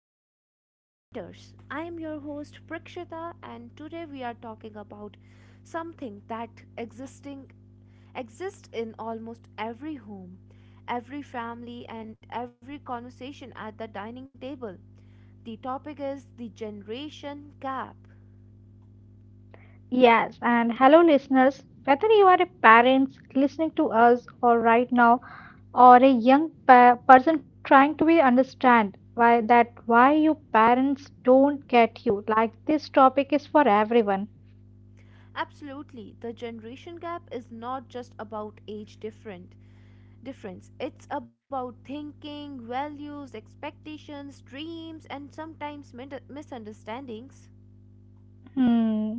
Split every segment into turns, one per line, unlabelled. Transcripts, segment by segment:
of Mind Matters. I am your host Prakshita and today we are talking about something that existing exists in almost every home, every family and every conversation at the dining table. The topic is the generation gap.
Yes, and hello, listeners. Whether you are a parent listening to us or right now, or a young person trying to be understand why you parents don't get you, like this topic is for everyone.
Absolutely, the generation gap is not just about age different. Difference. It's about thinking, values, expectations, dreams, and sometimes misunderstandings.
Hmm.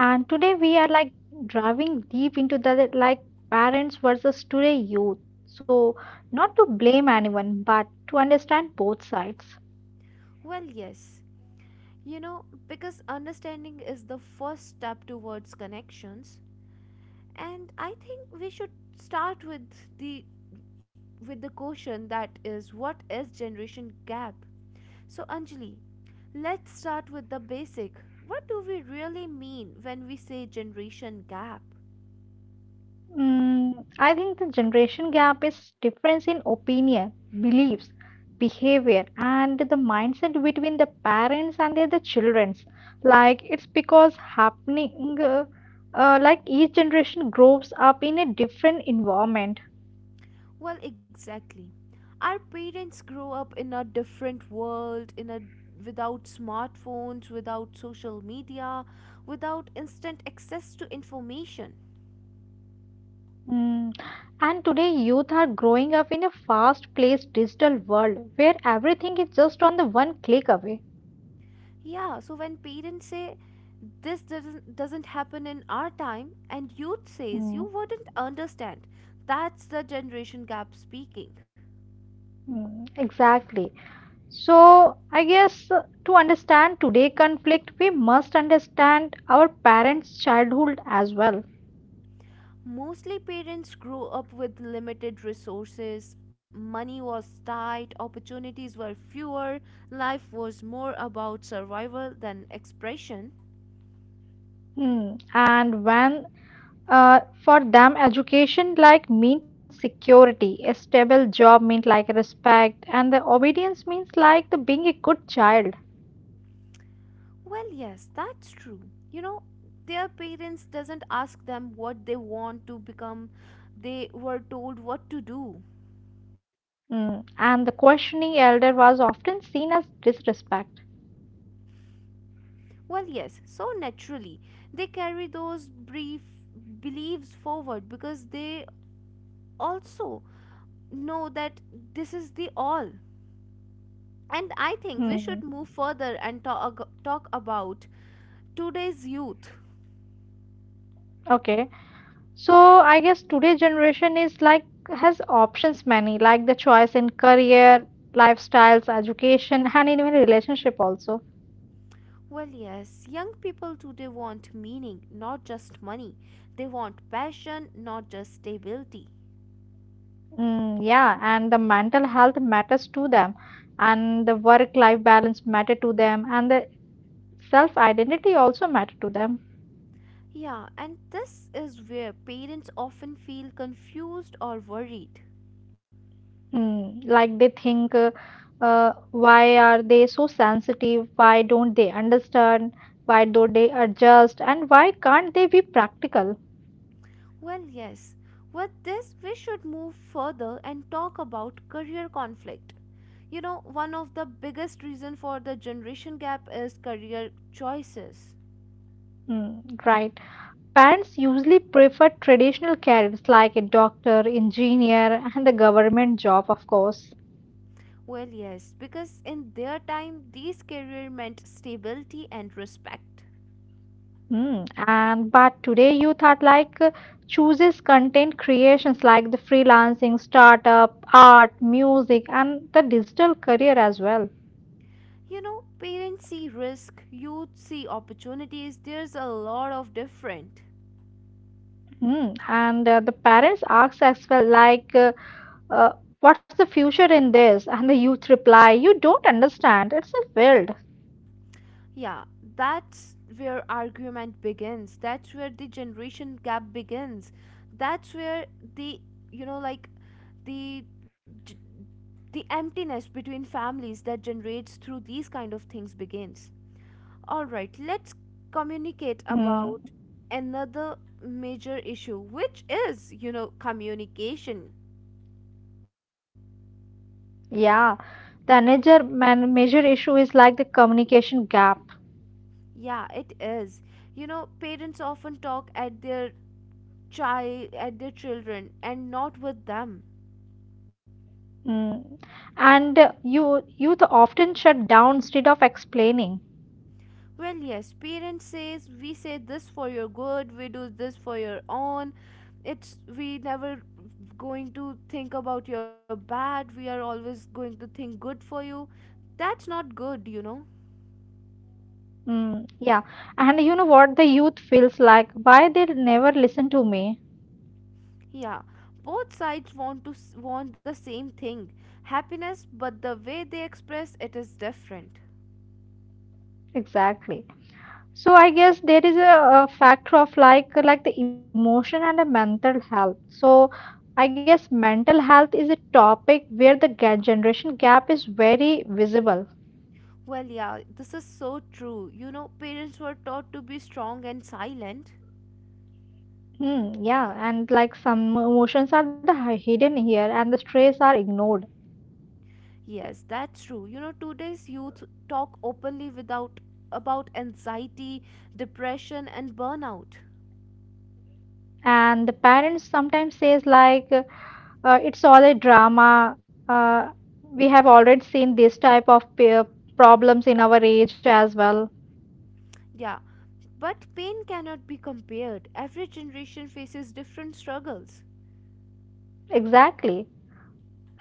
And today we are like driving deep into the like parents versus today youth. So not to blame anyone, but to understand both sides.
Well, yes, because understanding is the first step towards connections, and I think we should start the with the question that is what is generation gap. So Anjali, let's start with the basic. What do we really mean when we say generation gap?
Mm, I think the generation gap is difference in opinion, beliefs, behavior, and the mindset between the parents and the childrens. Like it's because happening, like each generation grows up in a different environment.
Well, exactly. Our parents grow up in a different world, in a without smartphones, without social media, without instant access to information.
Mm. And today, youth are growing up in a fast-paced digital world where everything is just on the one click away.
Yeah, so when parents say this doesn't happen in our time and youth says
Mm,
you wouldn't understand, that's the generation gap speaking.
mm, exactly. So, I guess to understand today conflict, we must understand our parents' childhood as well.
Mostly parents grew up with limited resources, money was tight, opportunities were fewer, life was more about survival than expression.
Hmm. And when for them, education like means security, a stable job means like respect, and the obedience means like the being a good child.
Well, yes, that's true. You know, their parents doesn't ask them what they want to become. They were told what to do.
Hmm. And the questioning elder was often seen as disrespect.
Well, yes, so naturally they carry those brief beliefs forward because they also know that this is the all. And I think we should
Hmm.
move further and talk about today's youth.
Okay. So I guess today's generation is like has options many, like the choice in career, lifestyles, education, and even relationship also.
Well, yes, young people today want meaning, not just money. They want passion, not just stability.
Mm, yeah, and the mental health matters to them, and the work-life balance matter to them, and the self-identity also matter to them.
Yeah, and this is where parents often feel confused or worried.
Like they think, why are they so sensitive? Why don't they understand? Why don't they adjust? And why can't they be practical?
Well, yes, with this, we should move further and talk about career conflict. You know, one of the biggest reasons for the generation gap is career choices.
Mm, right. Parents usually prefer traditional careers like a doctor, engineer, and the government job, of course.
Well, yes, because in their time, these career meant stability and respect.
And but today youth are like chooses content creations like the freelancing, startup, art, music, and the digital career as well.
You know, parents see risk, youth see opportunities, there's a lot of different.
And the parents ask as well like, uh, what's the future in this? And the youth reply, you don't understand. It's a
Yeah, that's where argument begins. That's where the generation gap begins. That's where the, you know, like the the emptiness between families that generates through these kind of things begins. All right, let's communicate
field.
about another major issue, which is, you know, communication.
Yeah, the major man major issue is like the communication gap.
Yeah, it is. You know, parents often talk at their children and not with them.
Mm. And youth often shut down instead of explaining.
Well, yes, parents says we say this for your good, we do this for your own. It's we never going to think about your bad. We are always going to think good for you. That's not good, you know.
Mm. Yeah, and you know what the youth feels like? Why they never listen to me?
Yeah, both sides want the same thing, happiness, but the way they express it is different.
Exactly. So I guess there is a factor of like the emotion and the mental health. So I guess mental health is a topic where the generation gap is very visible.
Well, yeah, this is so true. You know, parents were taught to be strong and silent.
Hmm, yeah, and like some emotions are the hidden here, and the stress are ignored.
Yes, that's true. You know, today's youth talk openly without about anxiety, depression and burnout.
And the parents sometimes says like, "It's all a drama." Uh, we have already seen this type of peer problems in our age as well.
Yeah, but pain cannot be compared. Every generation faces different struggles.
Exactly,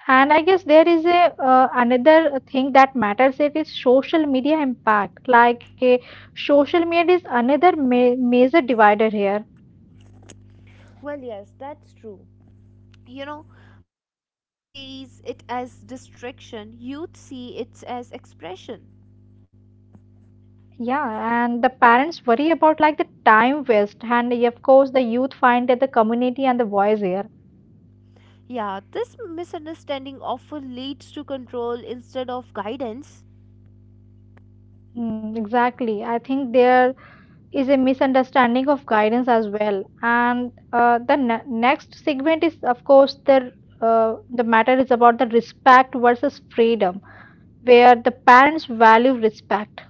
and I guess there is a another thing that matters. It is social media impact. Like, social media is another ma major divider here.
Well, yes, that's true. You know, parents sees it as distraction, youth see it as expression.
Yeah, and the parents worry about like the time waste, and yeah, of course, the youth find that the community and the voice here.
Yeah, this misunderstanding often leads to control instead of guidance,
Mm, exactly. I think there is a misunderstanding of guidance as well. And the ne next segment is, of course, the matter is about the respect versus freedom, where the parents value respect.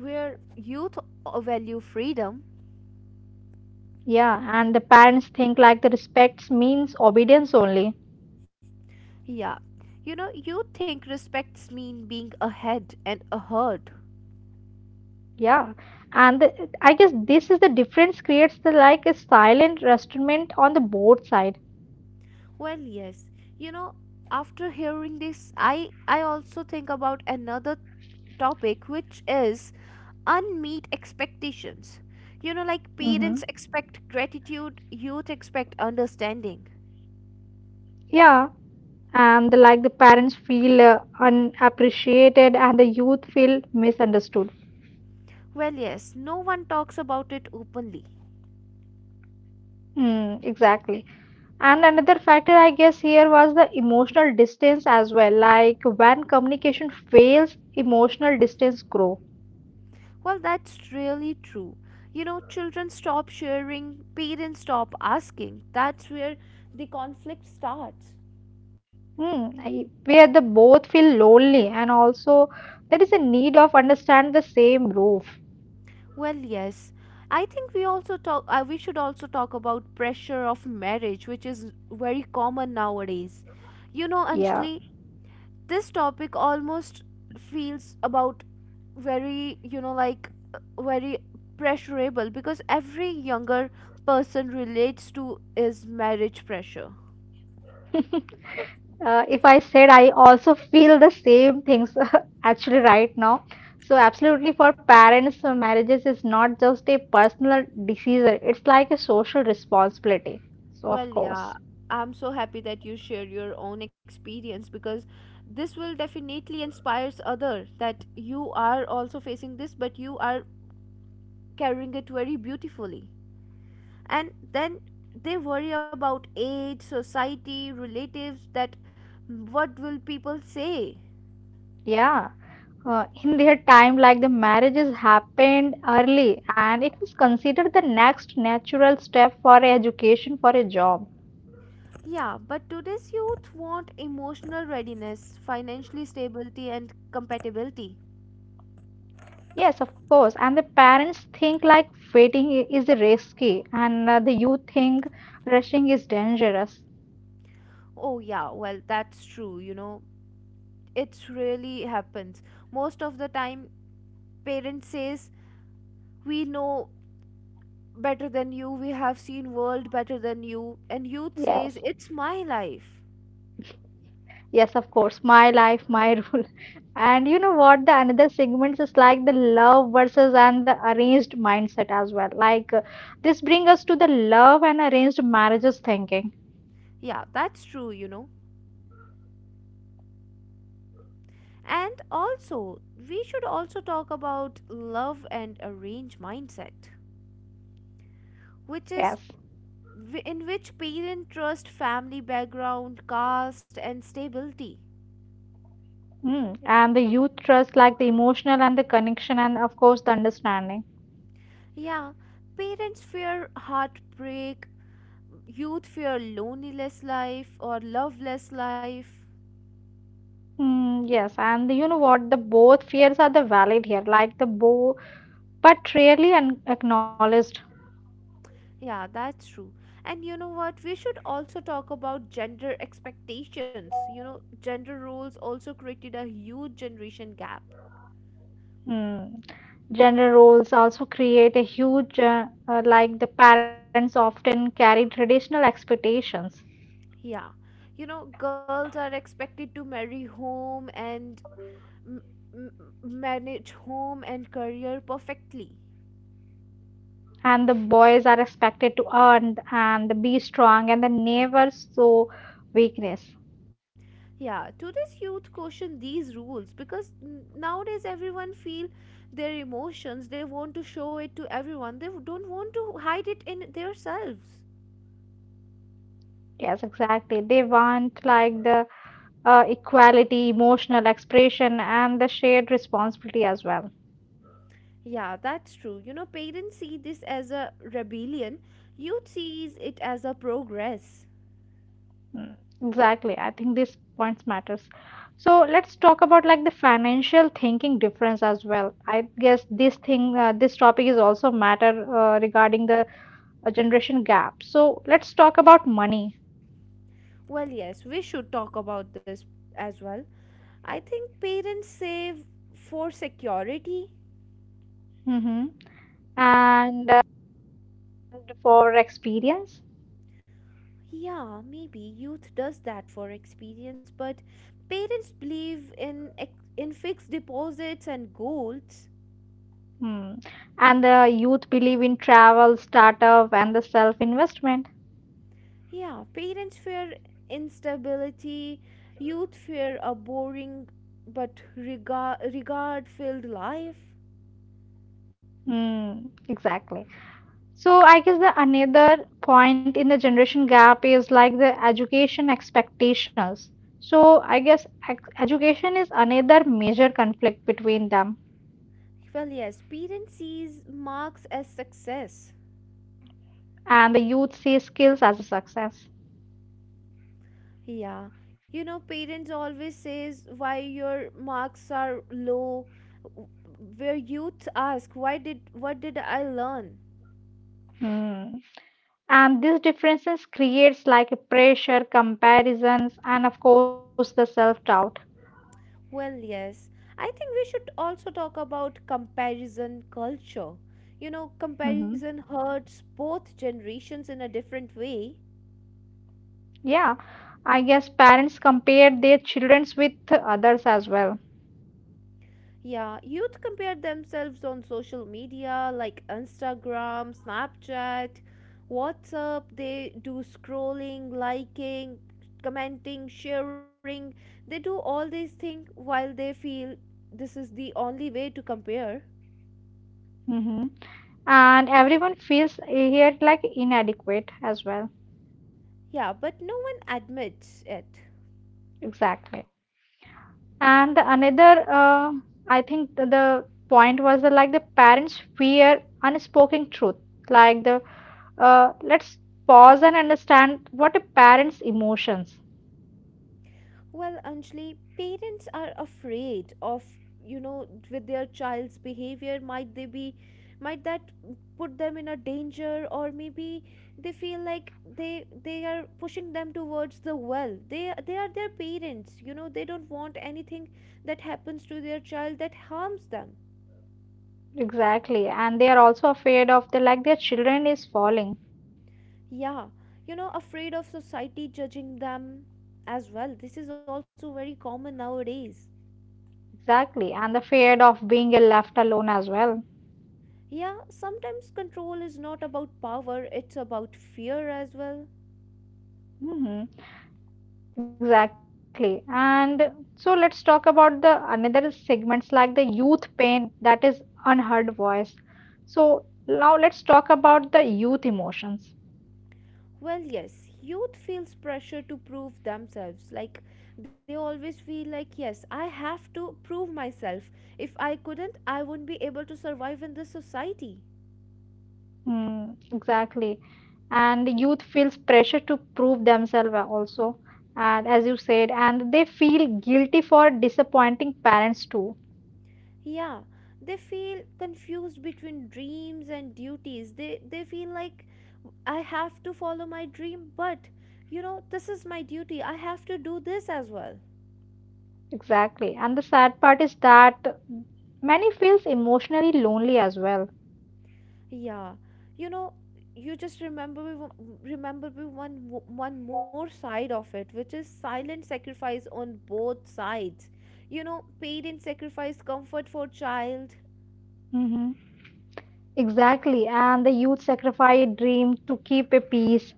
where youth value freedom.
Yeah, and the parents think like the respects means obedience only.
Yeah, you know, youth think respects mean being ahead and a.
Yeah, and I guess this is the difference creates the like a silent restraint on the both side.
Well, yes, you know, after hearing this, I also think about another topic, which is unmet expectations. You know, like
Hmm,
parents expect gratitude, youth expect understanding.
yeah, and like the parents feel unappreciated and the youth feel misunderstood.
Well, yes, no one talks about it openly.
Mm, exactly. And another factor I guess here was the emotional distance as well. Like when communication fails, emotional distance grow.
Well, that's really true. You know, children stop sharing, parents stop asking. That's where the conflict starts.
Where the both feel lonely and also there is a need of understand the same roof.
Well, yes. I think we also talk we should also talk about pressure of marriage which is very common nowadays. You know,
Yeah.
Anjali, this topic almost feels about very very pressurable because every younger person relates to is marriage pressure.
If I said I also feel the same things actually right now. So, absolutely, for parents, marriages is not just a personal decision, it's like a social responsibility. So, of
Well, yeah,
course,
I'm so happy that you share your own experience because this will definitely inspires other that you are also facing this but you are carrying it very beautifully, and then they worry about age society relatives that what will people say.
yeah. In their time, like the marriages happened early and it was considered the next natural step for education for a job.
Yeah, but today's youth want emotional readiness, financially stability and compatibility.
Yes, of course. And the parents think like waiting is risky, and the youth think rushing is dangerous.
Oh yeah, well, that's true. You know, it really happens most of the time. Parents says we know better than you, we have seen world better than you, and youth says
Yes,
it's my life.
yes, of course. My life, my rule. And you know what? The another segments is like the love versus and the arranged mindset as well. Like this bring us to the love and arranged marriages thinking.
Yeah, that's true. You know, and also, we should also talk about love and arrange mindset, which
Yes.
is in which parent trust family background, caste, and stability.
Mm. And the youth trust, like the emotional and the connection, and of course the understanding.
Yeah, parents fear heartbreak, youth fear loneliness life or loveless life.
Mm, yes, and you know what? The both fears are the valid here, but rarely un acknowledged.
Yeah, that's true. And you know what? We should also talk about gender expectations. You know, gender roles also created a huge generation gap.
Mm. Gender roles also create a huge, like the parents often carry traditional expectations,
Yeah. You know, girls are expected to marry home and m- m- manage home and career perfectly.
and the boys are expected to earn and be strong, and the never show weakness.
Yeah, today's youth caution these rules because nowadays everyone feel their emotions. They want to show it to everyone. They don't want to hide it in themselves.
Yes, exactly. They want like the equality, emotional expression, and the shared responsibility as well.
Yeah, that's true. You know, parents see this as a rebellion. Youth sees it as a progress.
Mm, exactly. I think these points matters. So let's talk about like the financial thinking difference as well. I guess this thing, this topic is also matter regarding the generation gap. So let's talk about money
Well, yes, we should talk about this as well. I think parents save for security.
hmm and for experience.
Yeah, maybe youth does that for experience, but parents believe in in fixed deposits and goals.
Hmm. And the youth believe in travel, startup, and the self-investment.
Yeah, parents fear instability, youth fear a boring but regard filled life.
Hmm. Exactly. So I guess the another point in the generation gap is like the education expectations. So I guess education is another major conflict between them,
Well, yes, parents sees marks as success.
and the youth see skills as a success.
Yeah, you know, parents always says why your marks are low. W- Where youth ask, why did what did I learn?
Hmm. And these differences creates like a pressure, comparisons, and of course the self-doubt.
Well, yes, I think we should also talk about comparison culture. You know,
Mhm.
comparison hurts both generations in a different way.
Yeah, I guess parents compare their childrens with others as well.
Yeah, youth compare themselves on social media like Instagram, Snapchat, WhatsApp. They do scrolling, liking, commenting, sharing. They do all these things while they feel this is the only way to compare.
Mhm. And everyone feels here like inadequate as well.
Yeah, but no one admits it.
Exactly. And the another I think the point was that, like the parents fear unspoken truth. Like the uh, let's pause and understand what a parent's emotions.
Well, Anjali, parents are afraid of, you know, with their child's behavior, might they be, might that put them in a danger, or maybe they feel like they are pushing them towards the well. They are their parents, you know. They don't want anything that happens to their child that harms them.
Exactly, and they are also afraid of the like their children is falling.
Yeah, you know, afraid of society judging them as well. This is also very common nowadays.
Exactly, and the fear of being left alone as well.
Yeah, sometimes control is not about power, it's about fear as well.
Mhm. Exactly. And so let's talk about the another segments like the youth pain that is unheard voice. So now let's talk about the youth emotions.
Well, yes, youth feels pressure to prove themselves. Like, they always feel like, yes, I have to prove myself. If I couldn't, I wouldn't be able to survive in this society.
Hmm, exactly. And the youth feels pressure to prove themselves also. And as you said, and they feel guilty for disappointing parents too.
Yeah, they feel confused between dreams and duties. They feel like, I have to follow my dream, but, you know, this is my duty. I have to do this as well.
Exactly. And the sad part is that many feels emotionally lonely as well.
Yeah, you know, you just remember me one more side of it, which is silent sacrifice on both sides. You know, parents sacrifice comfort for child,
Mm-hmm. Exactly, and the youth sacrifice dream to keep a peace.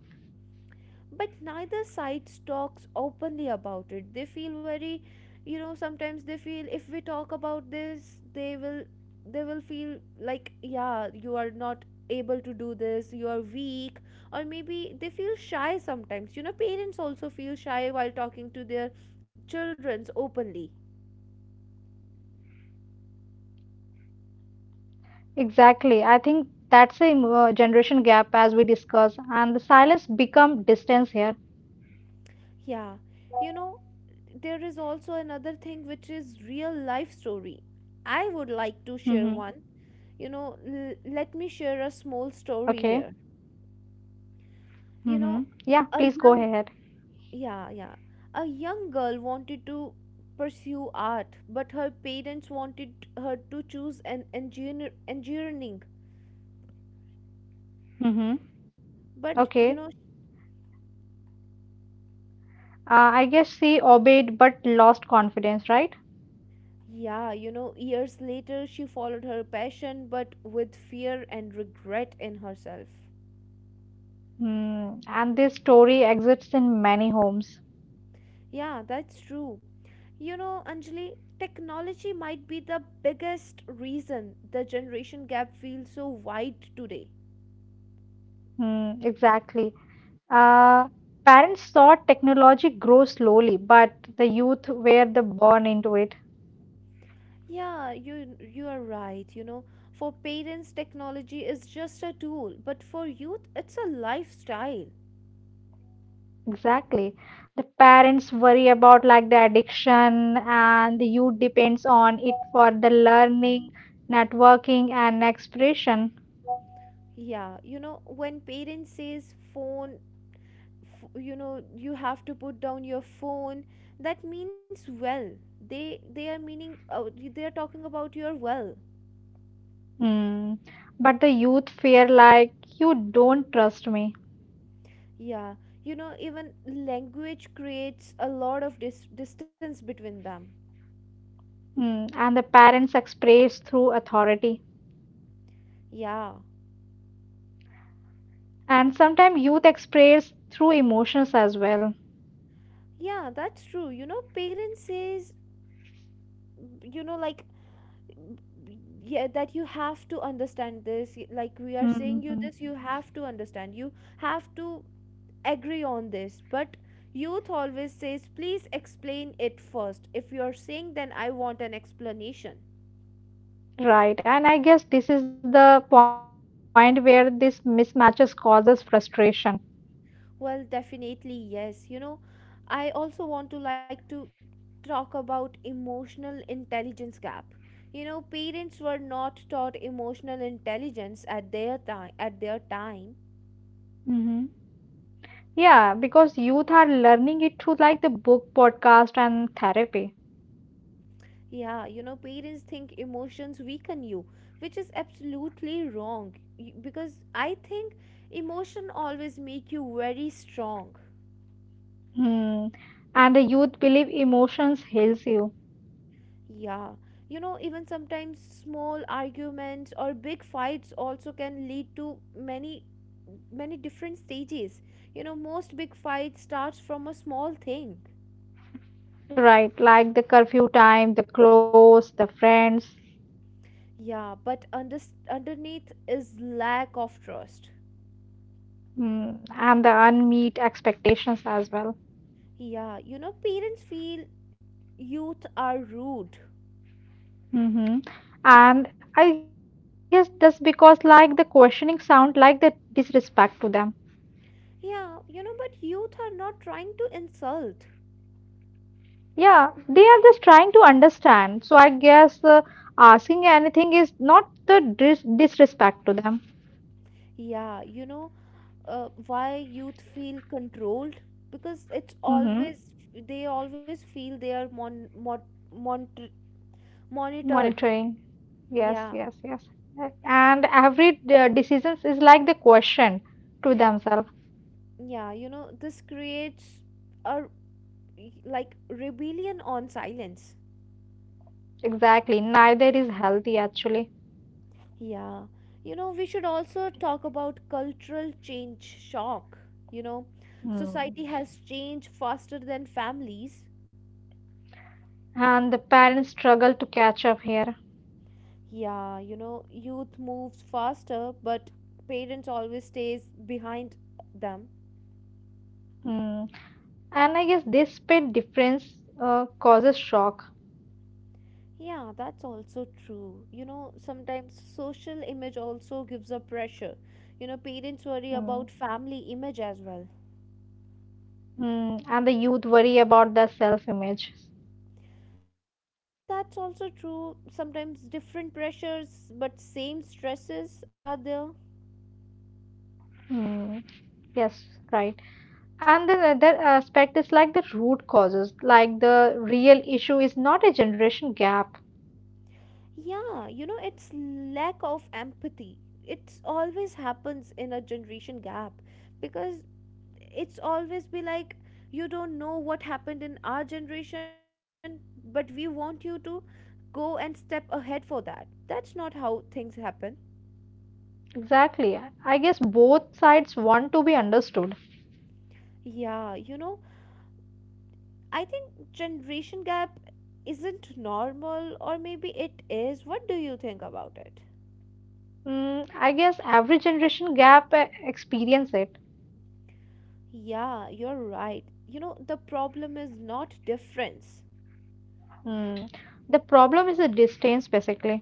but neither side talks openly about it. They feel very, you know, sometimes they feel if we talk about this they will feel like, yeah, you are not able to do this, you are weak, or maybe they feel shy sometimes. You know, parents also feel shy while talking to their childrens openly.
Exactly, I think that's a generation gap as we discuss, and the silence become distance here.
Yeah, you know, there is also another thing which is real life story. I would like to share
Hmm.
one. You know, let me share a small story here.
Okay.
You
Hmm.
know,
Yeah, please
a
go
young
ahead.
yeah yeah a young girl wanted to pursue art, but her parents wanted her to choose an engineering.
Hmm.
But you know,
Okay. I guess she obeyed but lost confidence, right?
yeah, you know, years later she followed her passion but with fear and regret in herself.
Mm. And this story exists in many homes.
Yeah, that's true. You know, Anjali, technology might be the biggest reason the generation gap feels so wide today.
Mm, exactly. Uh, parents saw technology grow slowly, but the youth were the born into it.
Yeah, you are right. You know, for parents, technology is just a tool, but for youth, it's a lifestyle.
Exactly. The parents worry about like the addiction and the youth depends on it for the learning, networking and expression.
Yeah, you know, when parents says you know, you have to put down your phone, that means well. They are meaning they are talking about your well.
Hmm. But the youth fear like you don't trust me.
Yeah, you know, even language creates a lot of distance between them.
Hmm. And the parents express through authority.
Yeah.
And sometimes youth express through emotions as well.
Yeah, that's true. You know, parents says you know like yeah that you have to understand this like we are saying you
Hmm.
this you have to understand you have to agree on this, but youth always says please explain it first. If you're saying then I want an explanation.
Right. And I guess this is the point where this mismatches causes frustration.
Well, definitely yes, you know, I also want to talk about emotional intelligence gap. You know, parents were not taught emotional intelligence at their time.
Hmm. Yeah, because youth are learning it through like the book, podcast, and therapy.
Yeah, you know, parents think emotions weaken you, which is absolutely wrong because I think emotion always make you very strong.
Hmm. And the youth believe emotions heals you.
Yeah. You know, even sometimes small arguments or big fights also can lead to many different stages. You know, most big fights starts from a small thing.
Right, like the curfew time, the clothes, the friends,
Yeah, but underneath is lack of trust.
and the unmeet expectations as well.
Yeah, you know, parents feel youth are rude.
hmm And I guess that's because like the questioning sound like the disrespect to them.
Yeah, you know, but youth are not trying to insult.
Yeah, they are just trying to understand. So I guess asking anything is not the disrespect to them.
Yeah, you know, why youth feel controlled? Because it's
Hmm.
always, they always feel they are mon monitored.
Monitoring. Yes,
Yeah,
yes, yes. And every decisions is like the question to themselves.
yeah, you know, this creates a like rebellion on silence.
Exactly. Neither is healthy actually.
Yeah, you know, we should also talk about cultural change shock. You know,
Hmm.
society has changed faster than families.
And the parents struggle to catch up here.
Yeah, you know, youth moves faster, but parents always stays behind them.
Hmm. And I guess this pay difference causes shock.
Yeah, that's also true. You know, sometimes social image also gives a pressure. You know, parents worry
Hmm.
about family image as well.
Hmm. And the youth worry about their self-image.
Yeah, that's also true. Sometimes different pressures, but same stresses are there.
Hmm. Yes, right. And the other aspect is like the root causes. Like the real issue is not a generation gap.
Yeah, you know, it's lack of empathy. It always happens in a generation gap because it's always be like you don't know what happened in our generation, but we want you to go and step ahead for that. That's not how things happen.
Exactly. I guess both sides want to be understood.
Yeah, you know, I think generation gap isn't normal, or maybe it is. What do you think about it?
I guess every generation gap experience it.
Yeah, you're right. You know, the problem is not difference.
Mm. The problem is the distance, basically.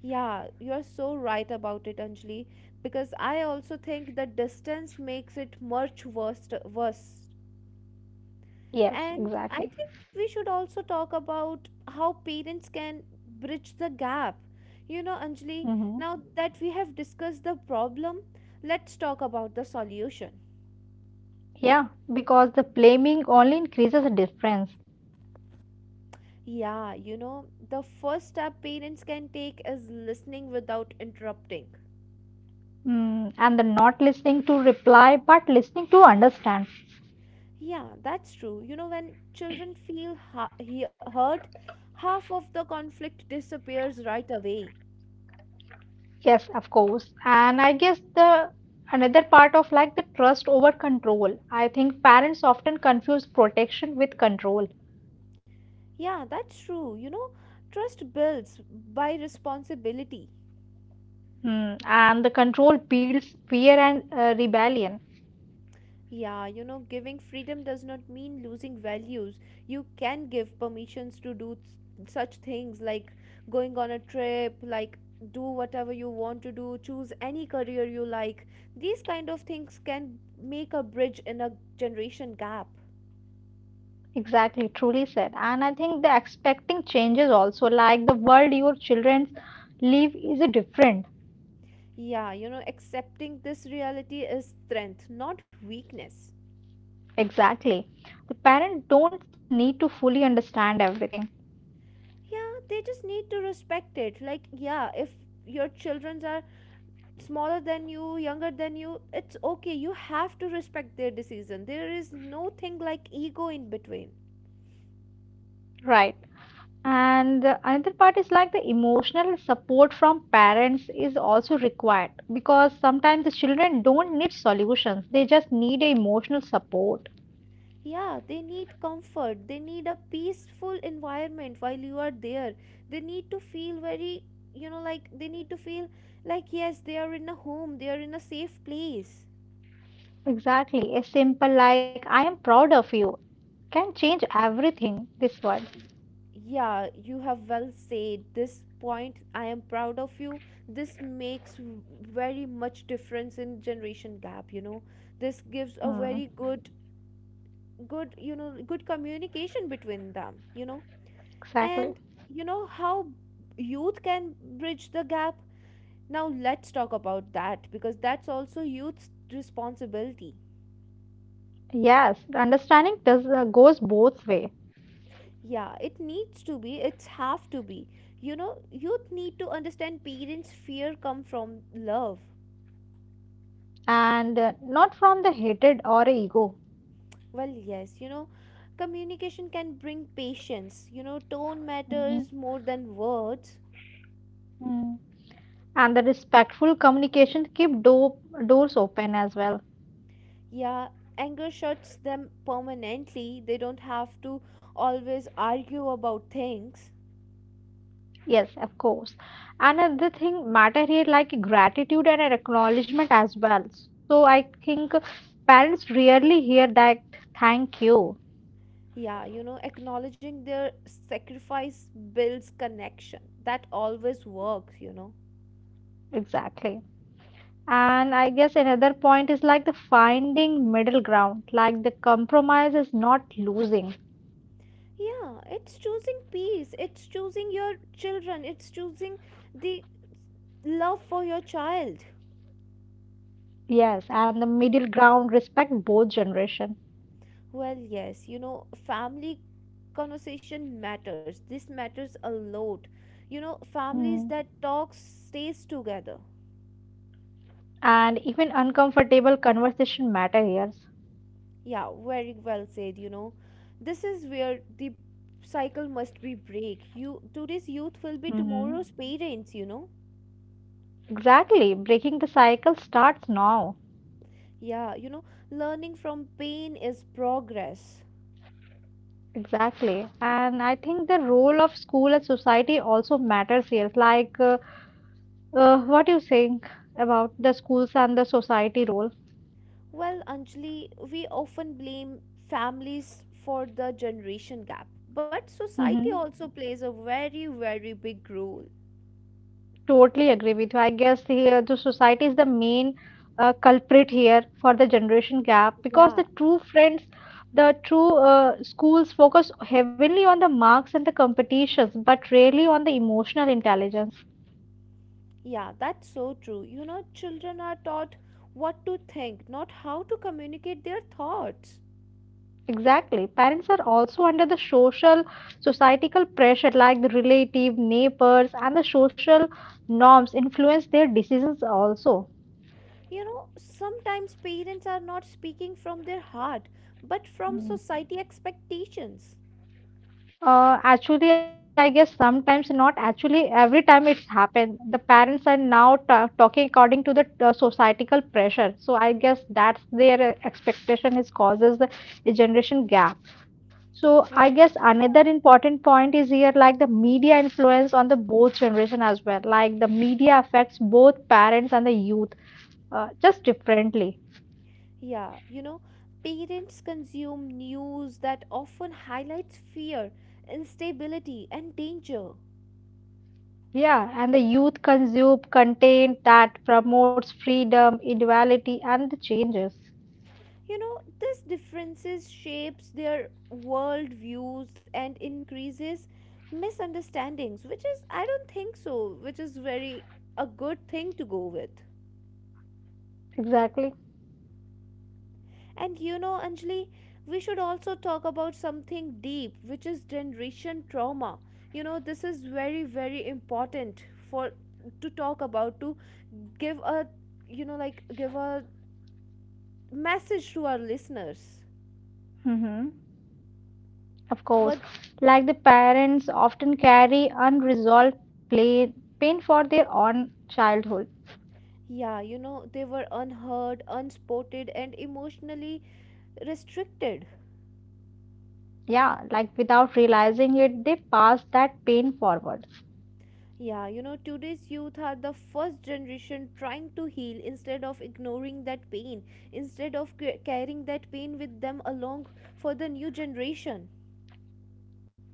Yeah, you're so right about it, Anjali, because I also think that distance makes it much worse.
Yes,
And
exactly.
I think we should also talk about how parents can bridge the gap. You know, Anjali,
Hmm.
now that we have discussed the problem, let's talk about the solution.
Yeah, because the blaming only increases the difference.
Yeah, you know, the first step parents can take is listening without interrupting.
And the not listening to reply, but listening to understand.
Yeah, that's true. You know, when children feel hurt, half of the conflict disappears right away.
Yes, of course. And I guess the another part of like the trust over control. I think parents often confuse protection with control.
Yeah, that's true. You know, trust builds by responsibility.
And the control builds fear and rebellion.
Yeah, you know, giving freedom does not mean losing values. You can give permissions to do such things like going on a trip, like do whatever you want to do, choose any career you like. These kind of things can make a bridge in a generation gap.
Exactly, truly said. And I think the expecting changes also, like the world your children live is a different.
Yeah, you know, accepting this reality is strength, not weakness.
Exactly. The parent don't need to fully understand everything.
Yeah, they just need to respect it. Like, yeah, if your children are smaller than you, younger than you, it's okay. You have to respect their decision. There is no thing like ego in between.
Right. And the another part is like the emotional support from parents is also required because sometimes the children don't need solutions, they just need a emotional support.
Yeah, they need comfort. They need a peaceful environment. While you are there, they need to feel very, you know, like they need to feel like yes, they are in a home, they are in a safe place.
Exactly. A simple like I am proud of you can change everything. This one.
Y- Yeah, you have well said this point. I am proud of you. This makes very much difference in generation gap, you know. This gives a
Hmm.
very good good, you know, good communication between them, you know. And
Exactly.
you know how youth can bridge the gap? Now let's talk about that because that's also youth's responsibility.
Yes, the understanding does goes both way,
Yeah, it needs to be. It's have to be. You know, youth need to understand parents' fear come from love.
and not from the hatred or ego.
Well, yes, you know, communication can bring patience. You know, tone
Mhm.
matters more than words.
Mm. And the respectful communication keep doors open as well.
Yeah, anger shuts them permanently. They don't have to always argue about things.
Yes, of course. Another thing matter here like gratitude and an acknowledgement as well. So I think parents rarely hear that thank you.
Yeah, you know, acknowledging their sacrifice builds connection. That always works, you know.
Exactly. And I guess another point is like the finding middle ground, like the compromise is not losing.
Yeah, it's choosing peace, it's choosing your children, it's choosing the love for your child.
Yes, and the middle ground respect both generation.
Well, yes, you know, family conversation matters. This matters a lot. You know, families
Mm.
that talk stays together.
And even uncomfortable conversation matter here.
Yeah, very well said, you know. This is where the cycle must be break. You today's youth will be
Mhm.
tomorrow's parents, you know.
Exactly. Breaking the cycle starts now.
Yeah, you know, learning from pain is progress.
Exactly. And I think the role of school and society also matters here. Like, what do you think about the schools and the society role?
Well, Anjali, we often blame families for the generation gap, but society
hmm
also plays a very, very big role.
Totally agree with you. I guess here the society is the main culprit here for the generation gap because the
Yeah,
true friends, the true schools focus heavily on the marks and the competitions, but rarely on the emotional intelligence.
yeah, that's so true. You know, children are taught what to think, not how to communicate their thoughts.
Exactly. Parents are also under the societal pressure, like the relative, neighbors, and the social norms influence their decisions also.
You know, sometimes parents are not speaking from their heart, but from
Hmm.
society expectations.
Actually, I guess sometimes not. Actually, every time it's happened, the parents are now ta talking according to the societal pressure. So I guess that's their expectation is causes the generation gap. So I
Well,
guess another
yeah.
important point is here like the media influence on the both generation as well. Like the media affects both parents and the youth just differently.
Yeah, you know, parents consume news that often highlights fear, instability, and danger.
Yeah, and the youth consume content that promotes freedom, equality, and the changes.
You know, this differences shapes their world views and increases misunderstandings, which is I don't think so, which is very a good thing to go with.
Exactly.
And you know, Anjali, we should also talk about something deep, which is generation trauma. You know, this is very, very important for to talk about, to give a, you know, like give a message to our listeners.
Mm-hmm. Of
What?
course, like the parents often carry unresolved pain for their own childhood.
Yeah, you know, they were unheard, unspotted, and emotionally restricted.
Yeah, like without realizing it, they pass that pain forward.
Yeah, you know, today's youth are the first generation trying to heal instead of ignoring that pain, instead of carrying that pain with them along for the new generation.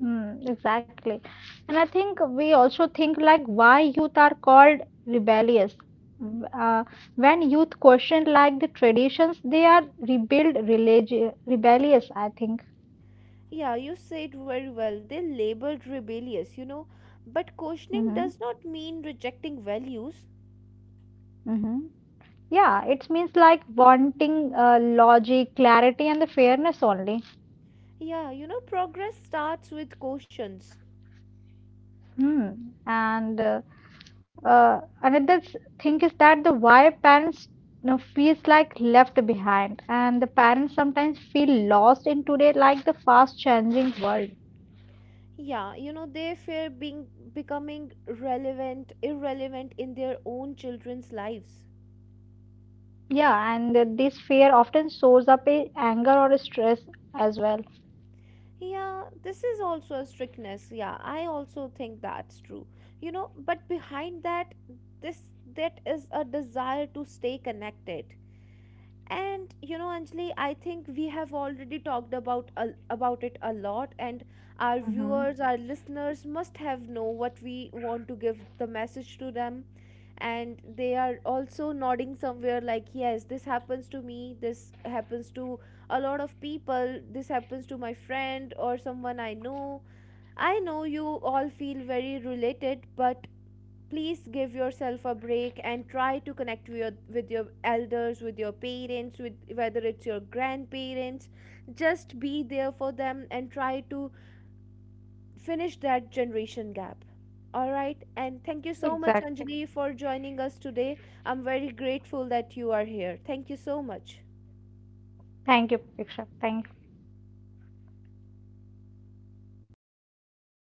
Mm, exactly. And I think we also think like why youth are called rebellious. W- Uh, when youth question like the traditions, they are rebellious, I think.
Yeah, you said very well, they labeled rebellious, you know, but questioning does
Mm-hmm.
not mean rejecting values.
Mm-hmm. Yeah, it means like wanting logic, clarity, and the fairness only.
Yeah, you know, progress starts with cautions.
Hmm. And another thing is that the why parents feels like left behind, and the parents sometimes feel lost in today like the fast changing world.
Yeah, you know, they fear being becoming relevant, irrelevant in their own children's lives.
Yeah, and this fear often shows up in anger or stress as well.
Yeah, this is also a strictness. Yeah, I also think that's true. You know, but behind that, this that is a desire to stay connected. And you know, Anjali, I think we have already talked about about it a lot, and our
Hmm.
viewers, our listeners must have know what we want to give the message to them, and they are also nodding somewhere like yes, this happens to me, this happens to a lot of people, this happens to my friend or someone I know. I know you all feel very related, but please give yourself a break and try to connect with with your elders, with your parents, with whether it's your grandparents, just be there for them and try to finish that generation gap. All right, and thank you so much,
Exactly.
Anjali, for joining us today. I'm very grateful that you are here. Thank you so much.
Thank you, Piksha. Thank you.